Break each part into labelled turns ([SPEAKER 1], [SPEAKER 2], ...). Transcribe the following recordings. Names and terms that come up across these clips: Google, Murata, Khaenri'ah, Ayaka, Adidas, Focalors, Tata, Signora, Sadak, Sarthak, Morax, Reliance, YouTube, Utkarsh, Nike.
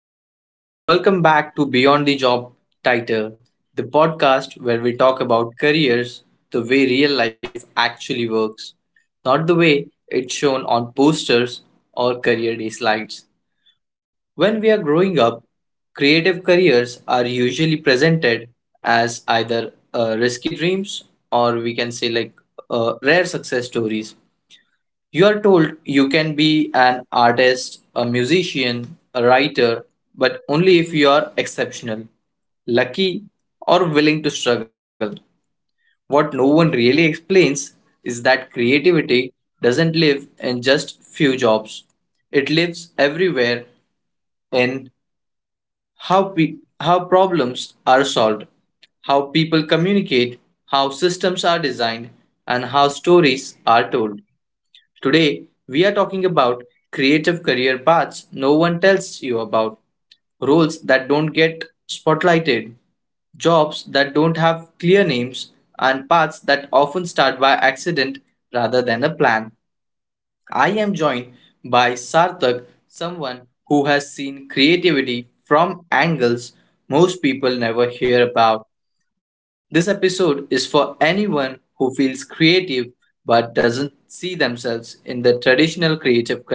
[SPEAKER 1] everyone. Welcome back to Beyond the Job Title, the podcast where we talk about careers the way real life actually works, not the way it's shown on posters or career day slides. When we are growing up, creative careers are usually presented as either risky dreams or we can say like rare success stories. You are told you can be an artist, a musician, a writer, but only if you are exceptional, lucky, or willing to struggle. What no one really explains is that creativity doesn't live in just few jobs. It lives everywhere in how problems are solved, how people communicate, how systems are designed, and how stories are told. Today, we are talking about creative career paths no one tells you about, roles that don't get spotlighted, jobs that don't have clear names, and paths that often start by accident rather than a plan. I am joined by Sarthak, someone who has seen creativity from angles most people never hear about. This episode is for anyone who feels creative but doesn't see themselves in the traditional creative career.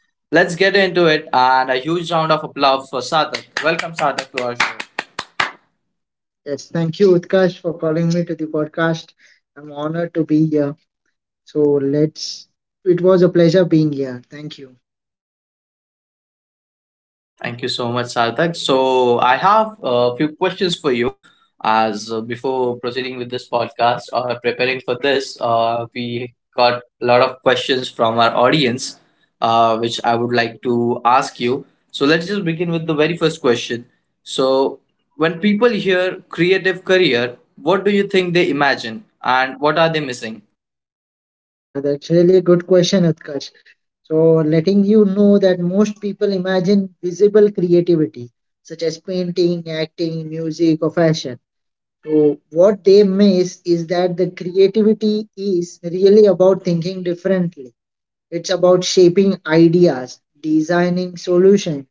[SPEAKER 1] Let's get into it and a huge round of applause for Sarthak. Welcome, Sarthak, to our show.
[SPEAKER 2] Yes, thank you, Utkarsh, for calling me to the podcast. I'm honored to be here. So let's. It was a pleasure being here. Thank you.
[SPEAKER 1] Thank you so much, Sarthak. So, I have a few questions for you. As before proceeding with this podcast or preparing for this, we got a lot of questions from our audience, which I would like to ask you. So, let's just begin with the very first question. So, when people hear creative career, what do you think they imagine and what are they missing?
[SPEAKER 2] Yeah, that's really a good question, Utkarsh. So letting you know that most people imagine visible creativity, such as painting, acting, music, or fashion. So what they miss is that the creativity is really about thinking differently. It's about shaping ideas, designing solutions,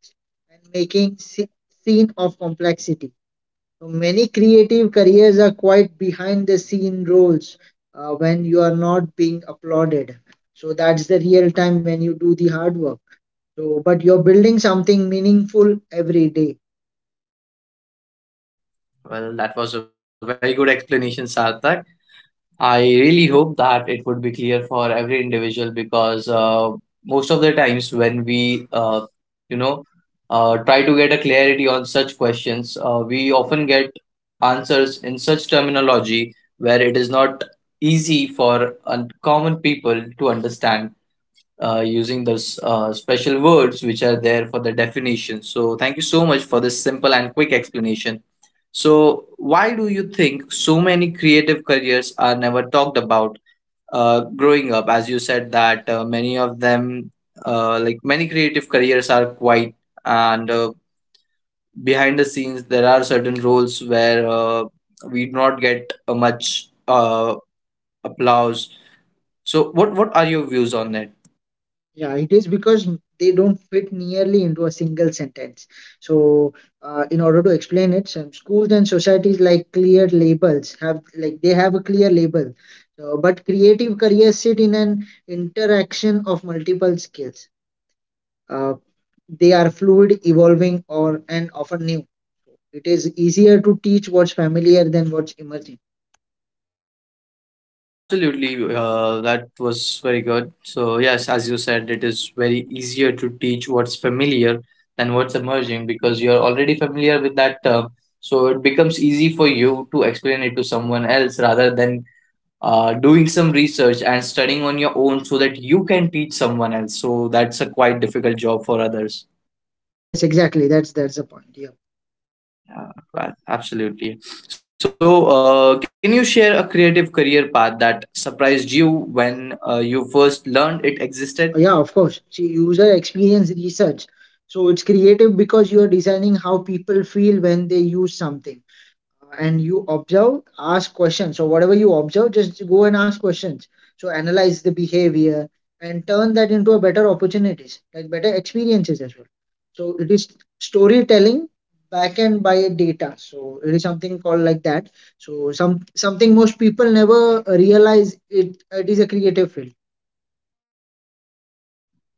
[SPEAKER 2] and making scene of complexity. So many creative careers are quite behind the scene roles, when you are not being applauded. So that's the real time when you do the hard work. So, but you're building something meaningful every day.
[SPEAKER 1] Well, that was a very good explanation, Sarthak. I really hope that it would be clear for every individual because most of the times when we, you know, try to get a clarity on such questions, we often get answers in such terminology where it is not easy for common people to understand using those special words which are there for the definition. So, thank you so much for this simple and quick explanation. So, why do you think so many creative careers are never talked about growing up? As you said that many of them, like many creative careers, are quite and behind the scenes there are certain roles where we do not get much applause. So, what are your views on it?
[SPEAKER 2] Yeah, it is because they don't fit nearly into a single sentence. So, in order to explain it, some schools and societies like clear labels have like they have a clear label. So, but creative careers sit in an interaction of multiple skills. Uh, they are fluid, evolving, or and often new. It is easier to teach what's familiar than what's emerging.
[SPEAKER 1] Absolutely, that was very good. So, yes, as you said, it is very easier to teach what's familiar than what's emerging because you're already familiar with that term. So, it becomes easy for you to explain it to someone else rather than doing some research and studying on your own so that you can teach someone else. So, that's a quite difficult job for others.
[SPEAKER 2] Yes, exactly. That's the point. Yeah.
[SPEAKER 1] Yeah, right, absolutely. So, can you share a creative career path that surprised you when you first learned it existed?
[SPEAKER 2] Yeah, of course. See, user experience research. So it's creative because you are designing how people feel when they use something. And you observe, ask questions. So whatever you observe, just go and ask questions. So analyze the behavior and turn that into a better opportunities, like better experiences as well. So it is storytelling backend by data. So it is something called like that. So some something most people never realize it, it is a creative field.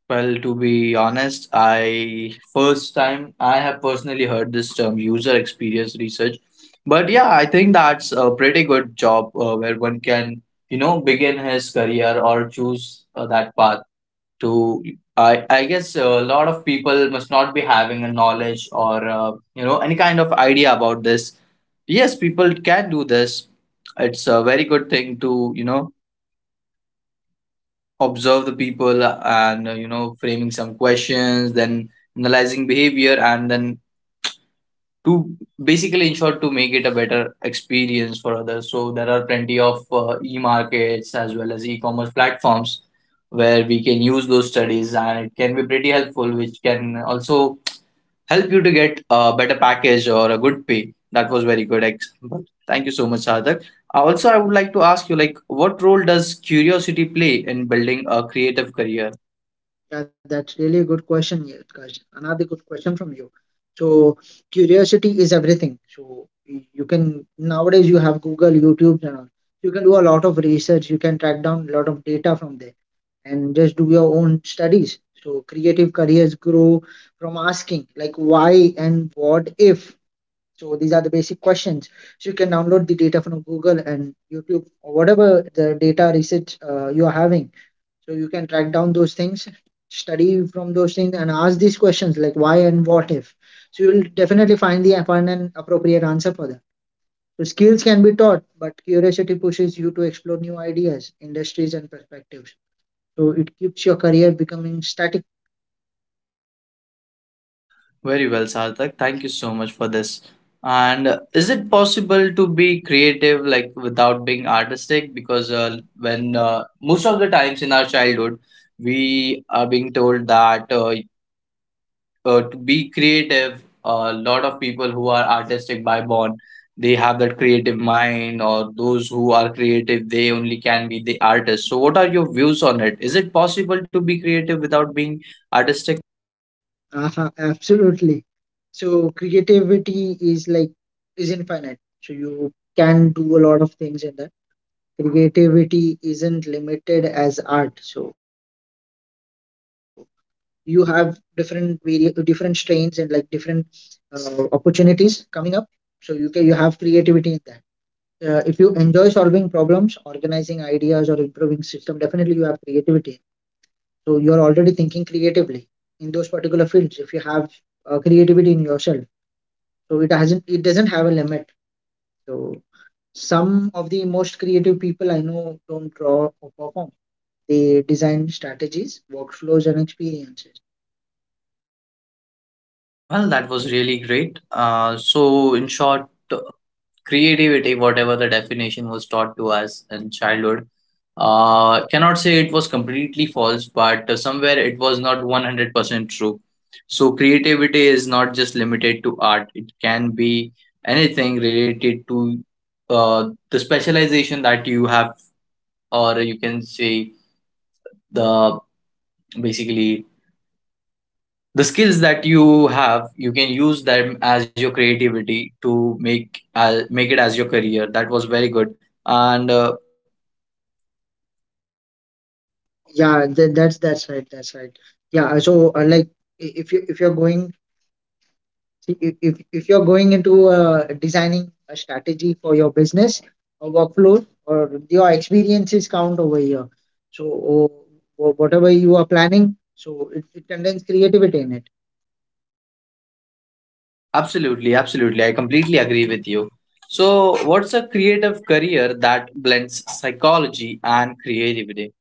[SPEAKER 1] Well, to be honest, I first time I have personally heard this term user experience research. But yeah, I think that's a pretty good job where one can, you know, begin his career or choose that path to I guess a lot of people must not be having a knowledge or you know any kind of idea about this. Yes, people can do this. It's a very good thing to, you know, observe the people and you know framing some questions then analyzing behavior and then to basically ensure to make it a better experience for others, so there are plenty of e-markets as well as e-commerce platforms where we can use those studies and it can be pretty helpful, which can also help you to get a better package or a good pay. That was very good example. Thank you so much, Sadak. Also, I would like to ask you like what role does curiosity play in building a creative career?
[SPEAKER 2] Yeah, that's really a good question, Yatkash. Another good question from you. So curiosity is everything. So you can nowadays you have Google, YouTube, and all. You can do a lot of research. You can track down a lot of data from there and just do your own studies. So creative careers grow from asking like why and what if. So these are the basic questions. So you can download the data from Google and YouTube or whatever the data research you are having, so you can track down those things, study from those things and ask these questions like why and what if, so you will definitely find the find an appropriate answer for that. So skills can be taught, but curiosity pushes you to explore new ideas, industries and perspectives. So it keeps your career becoming static.
[SPEAKER 1] Very well, Sarthak. Thank you so much for this. And is it possible to be creative like without being artistic? Because
[SPEAKER 2] Because
[SPEAKER 1] when
[SPEAKER 2] when
[SPEAKER 1] most of the times in our childhood, we are being told that to be creative, a lot of people who are artistic by born, they have that creative mind, or those who are creative, they only can be the artist. So, what are your views on it? Is it possible to be creative without being artistic?
[SPEAKER 2] Absolutely. So creativity is like is infinite. So you can do a lot of things in that. Creativity isn't limited as art. So you have different different strains and like different opportunities coming up, so you can you have creativity in that. If you enjoy solving problems, organizing ideas or improving system, definitely you have creativity, so you are already thinking creatively in those particular fields. If you have creativity in yourself, so it hasn't it doesn't have a limit. So some of the most creative people I know don't draw or perform. They design strategies, workflows and experiences.
[SPEAKER 1] Well, that was really great. So, in short, creativity, whatever the definition was taught to us in childhood, cannot say it was completely false, but somewhere it was not 100% true. So, creativity is not just limited to art, it can be anything related to the specialization that you have, or you can say the basically the skills that you have, you can use them as your creativity to make make it as your career. That was very good. And
[SPEAKER 2] Yeah, that's right. That's right. Yeah. So like, if you if you're going, see, if you're going into designing a strategy for your business or workflow or your experiences count over here. So whatever you are planning, so it contains creativity in it.
[SPEAKER 1] absolutely, absolutely, I completely agree with you. So, what's a creative career that blends psychology and creativity?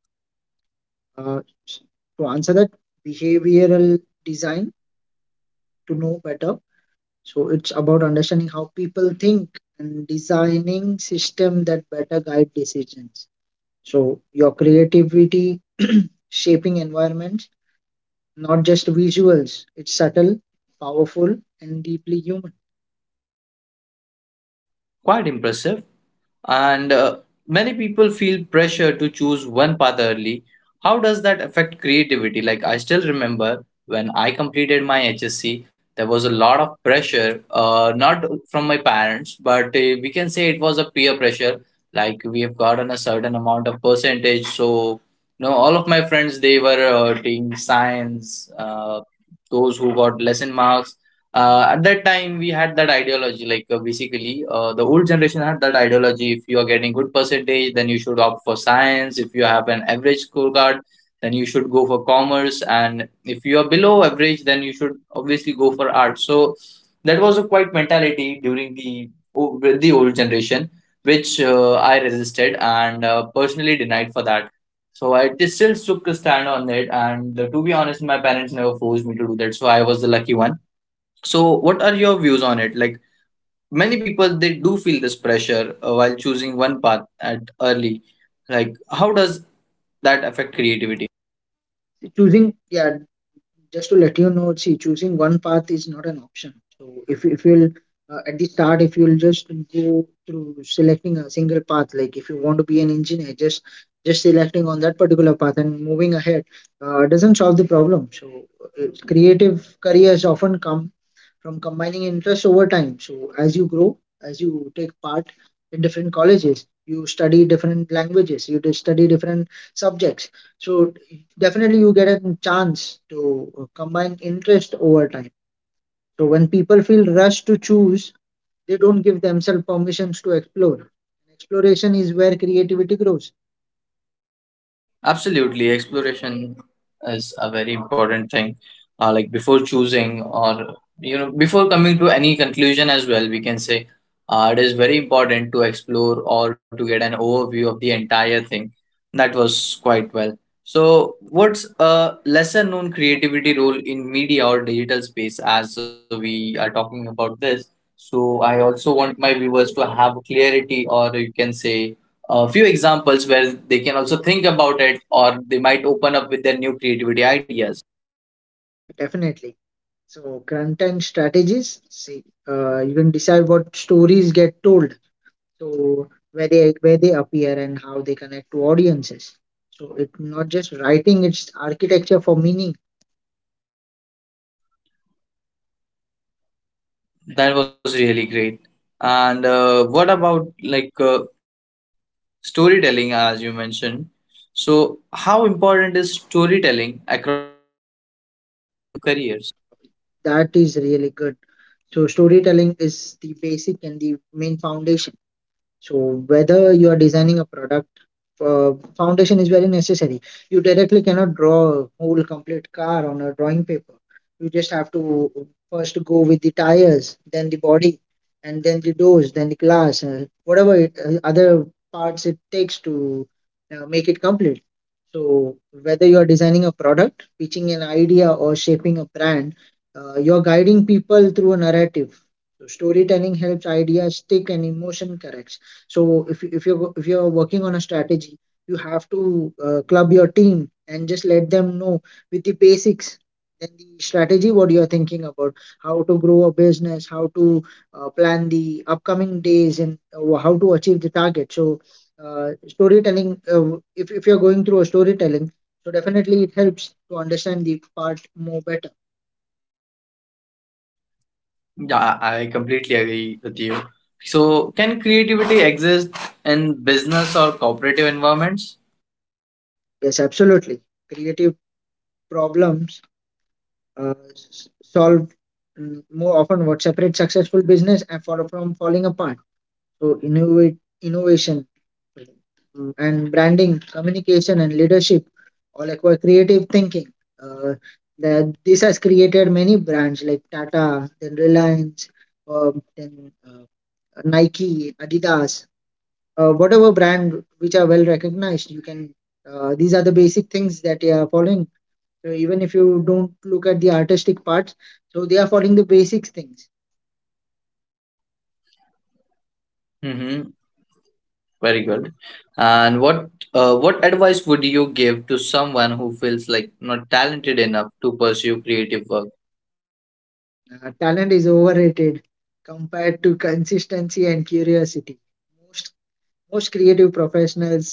[SPEAKER 2] Uh, s- to answer that, behavioral design to know better. So it's about understanding how people think and designing system that better guide decisions. So your creativity shaping environments, not just visuals. It's subtle, powerful, and deeply human.
[SPEAKER 1] Quite impressive. And many people feel pressure to choose one path early. How does that affect creativity? Like, I still remember when I completed my HSC, there was a lot of pressure, not from my parents, but we can say it was a peer pressure. Like, we have gotten a certain amount of percentage, so you know, all of my friends, they were taking science, those who got lesson marks, at that time we had that ideology like basically the old generation had that ideology. If you are getting good percentage then you should opt for science, if you have an average scorecard then you should go for commerce, and if you are below average then you should obviously go for art. So that was a quite mentality during the with the old generation, which I resisted and personally denied for that. So I just still took a stand on it, and to be honest, my parents never forced me to do that, so I was the lucky one. So, what are your views on it? Like many people, they do feel this pressure while choosing one path at early. Like, how does that affect creativity?
[SPEAKER 2] Choosing, yeah, just to let you know, see, choosing one path is not an option. So if you'll at the start, if you'll just go through selecting a single path, like if you want to be an engineer, just selecting on that particular path and moving ahead doesn't solve the problem. So creative careers often come from combining interest over time. So as you grow, as you take part in different colleges, you study different languages, you just study different subjects. So definitely you get a chance to combine interest over time. So when people feel rushed to choose, they don't give themselves permissions to explore. Exploration is where creativity grows.
[SPEAKER 1] Absolutely, exploration is a very important thing. Like before choosing, or you know, before coming to any conclusion as well, we can say it is very important to explore or to get an overview of the entire thing. That was quite well. So, what's a lesser known creativity role in media or digital space as we are talking about this? So, I also want my viewers to have clarity, or you can say a few examples where they can also think about it or they might open up with their new creativity ideas.
[SPEAKER 2] Yeah, definitely. So content strategies. See, you can decide what stories get told, so where they appear and how they connect to audiences. So it's not just writing, it's architecture for meaning.
[SPEAKER 1] That was really great. And what about storytelling, as you mentioned? So, how important is storytelling across creative careers?
[SPEAKER 2] That is really good. So storytelling is the basic and the main foundation. So whether you are designing a product, uh, foundation is very necessary. You directly cannot draw a whole complete car on a drawing paper. You just have to first go with the tires, then the body, and then the doors, then the glass, whatever it, other parts it takes to make it complete. So, whether you are designing a product, pitching an idea, or shaping a brand, you're guiding people through a narrative. So, storytelling helps ideas stick and emotion corrects. So, if you're working on a strategy, you have to club your team and just let them know with the basics. Then the strategy, what you are thinking about, how to grow a business, how to plan the upcoming days, and how to achieve the target. So storytelling, if you're going through a storytelling, so definitely it helps to understand the part more better.
[SPEAKER 1] Yeah, I completely agree with you. So, can creativity exist in business or cooperative environments?
[SPEAKER 2] Yes, absolutely. Creative problems solve, more often what separates successful business and from falling apart. So innovate, innovation, and branding, communication and leadership, all like creative thinking. Uh, that this has created many brands like Tata, then Reliance, then Nike, Adidas, whatever brand which are well recognized. You can these are the basic things that they are following. So even if you don't look at the artistic parts, so they are following the basic things.
[SPEAKER 1] Mhm. Very good. And what advice would you give to someone who feels like not talented enough to pursue creative work?
[SPEAKER 2] Talent is overrated compared to consistency and curiosity. Most most creative professionals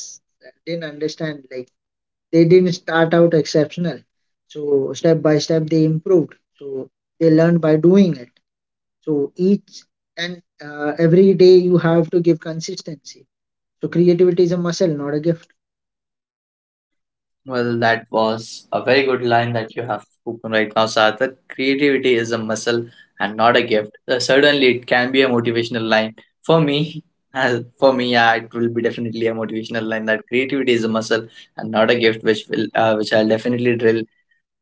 [SPEAKER 2] didn't understand like they didn't start out exceptional. So step by step they improved. So they learned by doing it. So each and every day you have to give consistency. So creativity is a muscle, not a gift.
[SPEAKER 1] Well, that was a very good line that you have spoken right now, Sarthak. Creativity is a muscle and not a gift. Certainly, it can be a motivational line for me. As for me, yeah, it will be definitely a motivational line that creativity is a muscle and not a gift, which will which I'll definitely drill,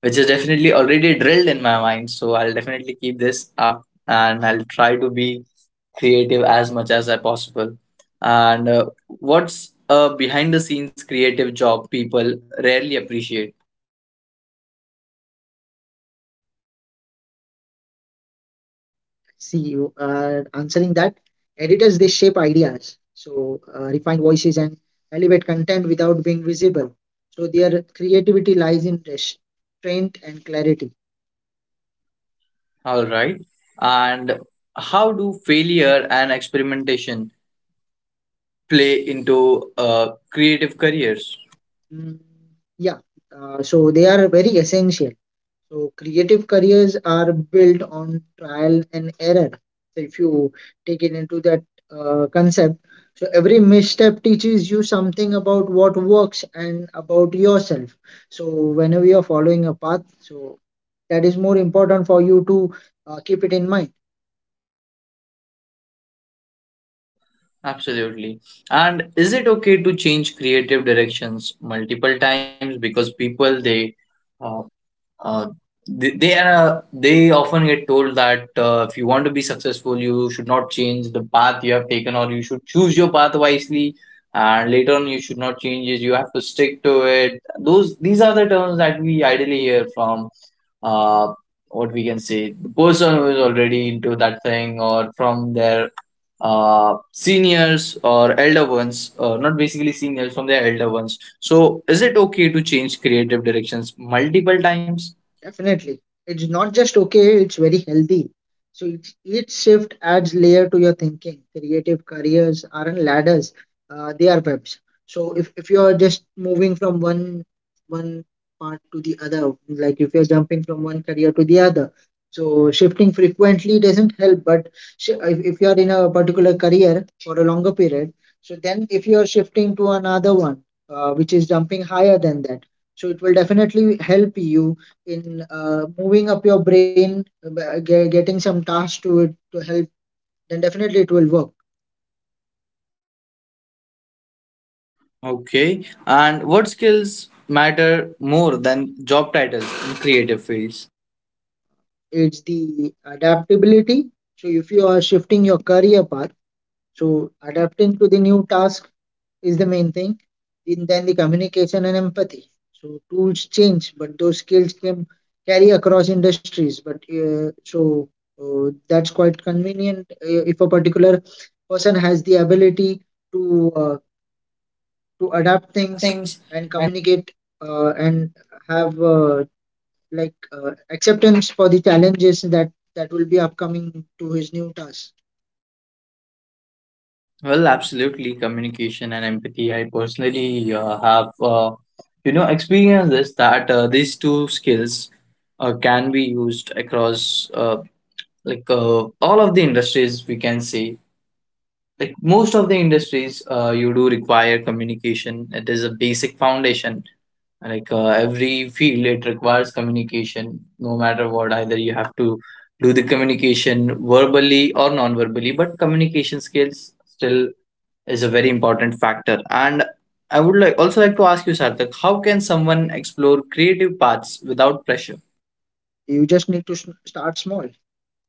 [SPEAKER 1] which is definitely already drilled in my mind. So I'll definitely keep this up and I'll try to be creative as much as I possible. And what's a behind the scenes creative job people rarely appreciate?
[SPEAKER 2] See, you are answering that. Editors, they shape ideas, so refine voices and elevate content without being visible. So their creativity lies in restraint and clarity.
[SPEAKER 1] All right. And how do failure and experimentation play into creative careers?
[SPEAKER 2] Mm, yeah, so they are very essential. So creative careers are built on trial and error. So if you take it into that concept, so every misstep teaches you something about what works and about yourself. So whenever you're following a path, so that is more important for you to keep it in mind.
[SPEAKER 1] Absolutely. And is it okay to change creative directions multiple times, because people uh, Uh, they often get told that if you want to be successful, you should not change the path you have taken, or you should choose your path wisely. And later on, you should not change it. You have to stick to it. Those these are the terms that we ideally hear from uh, what we can say the person who is already into that thing, or from their seniors or elder ones. Not basically seniors, from their elder ones. So, is it okay to change creative directions multiple times?
[SPEAKER 2] Definitely. It's not just okay, it's very healthy. So each shift adds layer to your thinking. Creative careers aren't ladders, they are webs. So if you're just moving from one part to the other, like if you're jumping from one career to the other, so shifting frequently doesn't help. But if you're in a particular career for a longer period, so then if you're shifting to another one, which is jumping higher than that, so it will definitely help you in moving up your brain, getting some tasks to it to help, then definitely it will work.
[SPEAKER 1] Okay. And what skills matter more than job titles in creative fields?
[SPEAKER 2] It's the adaptability. So if you are shifting your career path, so adapting to the new task is the main thing. And then the communication and empathy. So tools change, but those skills can carry across industries. But that's quite convenient if a particular person has the ability to uh, to adapt
[SPEAKER 1] Adapt
[SPEAKER 2] things
[SPEAKER 1] things
[SPEAKER 2] and
[SPEAKER 1] and
[SPEAKER 2] communicate and have acceptance for the challenges that will be upcoming to his new task.
[SPEAKER 1] well, absolutely. Communication and empathy. I personally have, you know, experienced this, that these two skills can be used across all of the industries. We can say like most of the industries, you do require communication. It is a basic foundation, like every field it requires communication, no matter what, either you have to do the communication verbally or non-verbally, but communication skills still is a very important factor. And I would like also like to ask you, Sarthak, how can someone explore creative paths without pressure?
[SPEAKER 2] You just need to start small.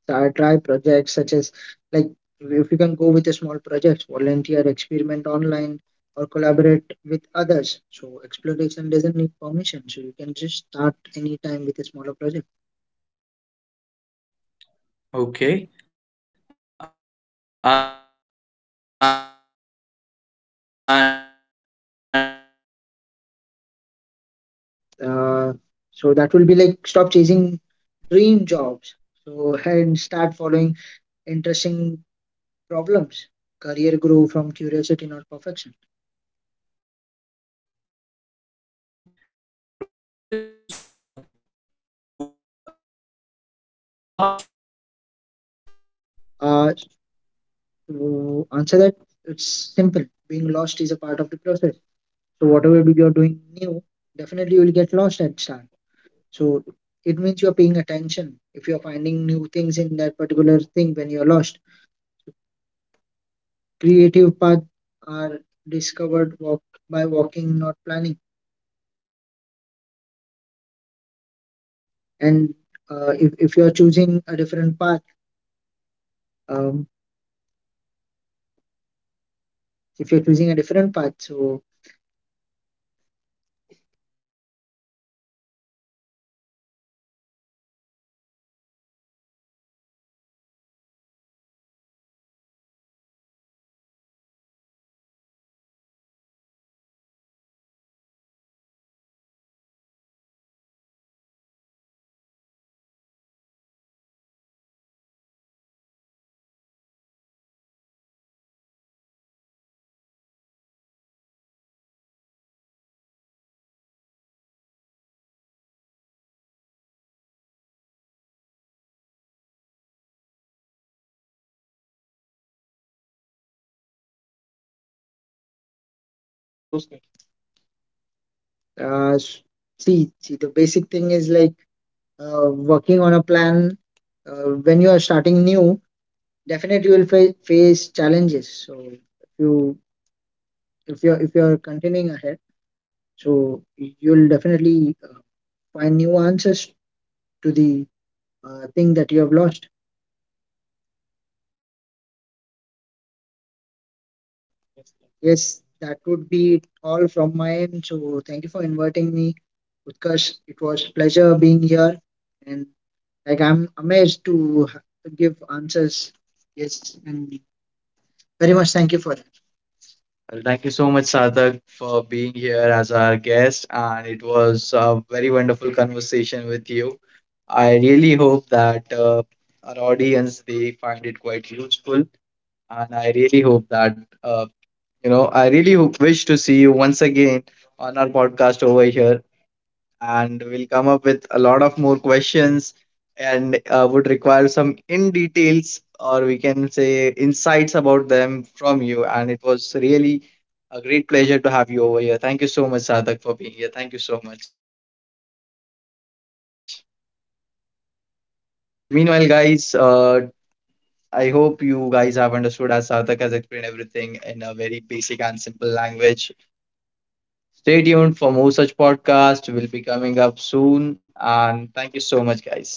[SPEAKER 2] Start, try projects such as like if you can go with a small project, volunteer, experiment online or collaborate with others. So exploration doesn't need permission, so you can just start anytime with a smaller project.
[SPEAKER 1] Okay. And what's a mindset shift that opens unexpected doors? Like according to you, what would be it?
[SPEAKER 2] Uh, so that will be like stop chasing dream jobs. So and start following interesting problems. Career grow from curiosity, not perfection.
[SPEAKER 1] Okay. And what would you say to someone who like who feels lost right now?
[SPEAKER 2] Uh, to answer that, it's simple. Being lost is a part of the process. So whatever you're doing new, definitely you will get lost at start. So it means you're paying attention. If you're finding new things in that particular thing when you're lost, creative paths are discovered walk by walking, not planning. And if you're choosing a different path, um, if you're choosing a different path, so uh, s- see, the basic thing is like working on a plan. When you are starting new, definitely you will face challenges. So if you if you're continuing ahead, so you'll definitely find new answers to the thing that you have lost. Yes, that would be all from my end. So thank you for inviting me, Utkarsh. It was pleasure being here, and like I'm amazed to to give answers. Yes, and very much thank you for that. Well, thank you so much, Sadak, for being here as our guest, and it was a very wonderful conversation with you. I really hope that our audience they find it quite useful, and I really hope that I really wish to see you once again on our podcast over here, and we'll come up with a lot of more questions and would require some in details or we can say insights about them from you. And it was really a great pleasure to have you over here. Thank you so much, Sadak, for being here. Thank you so much. Meanwhile, guys, I hope you guys have understood as Sarthak has explained everything in a very basic and simple language. Stay tuned for more such podcasts will be coming up soon. And thank you so much, guys.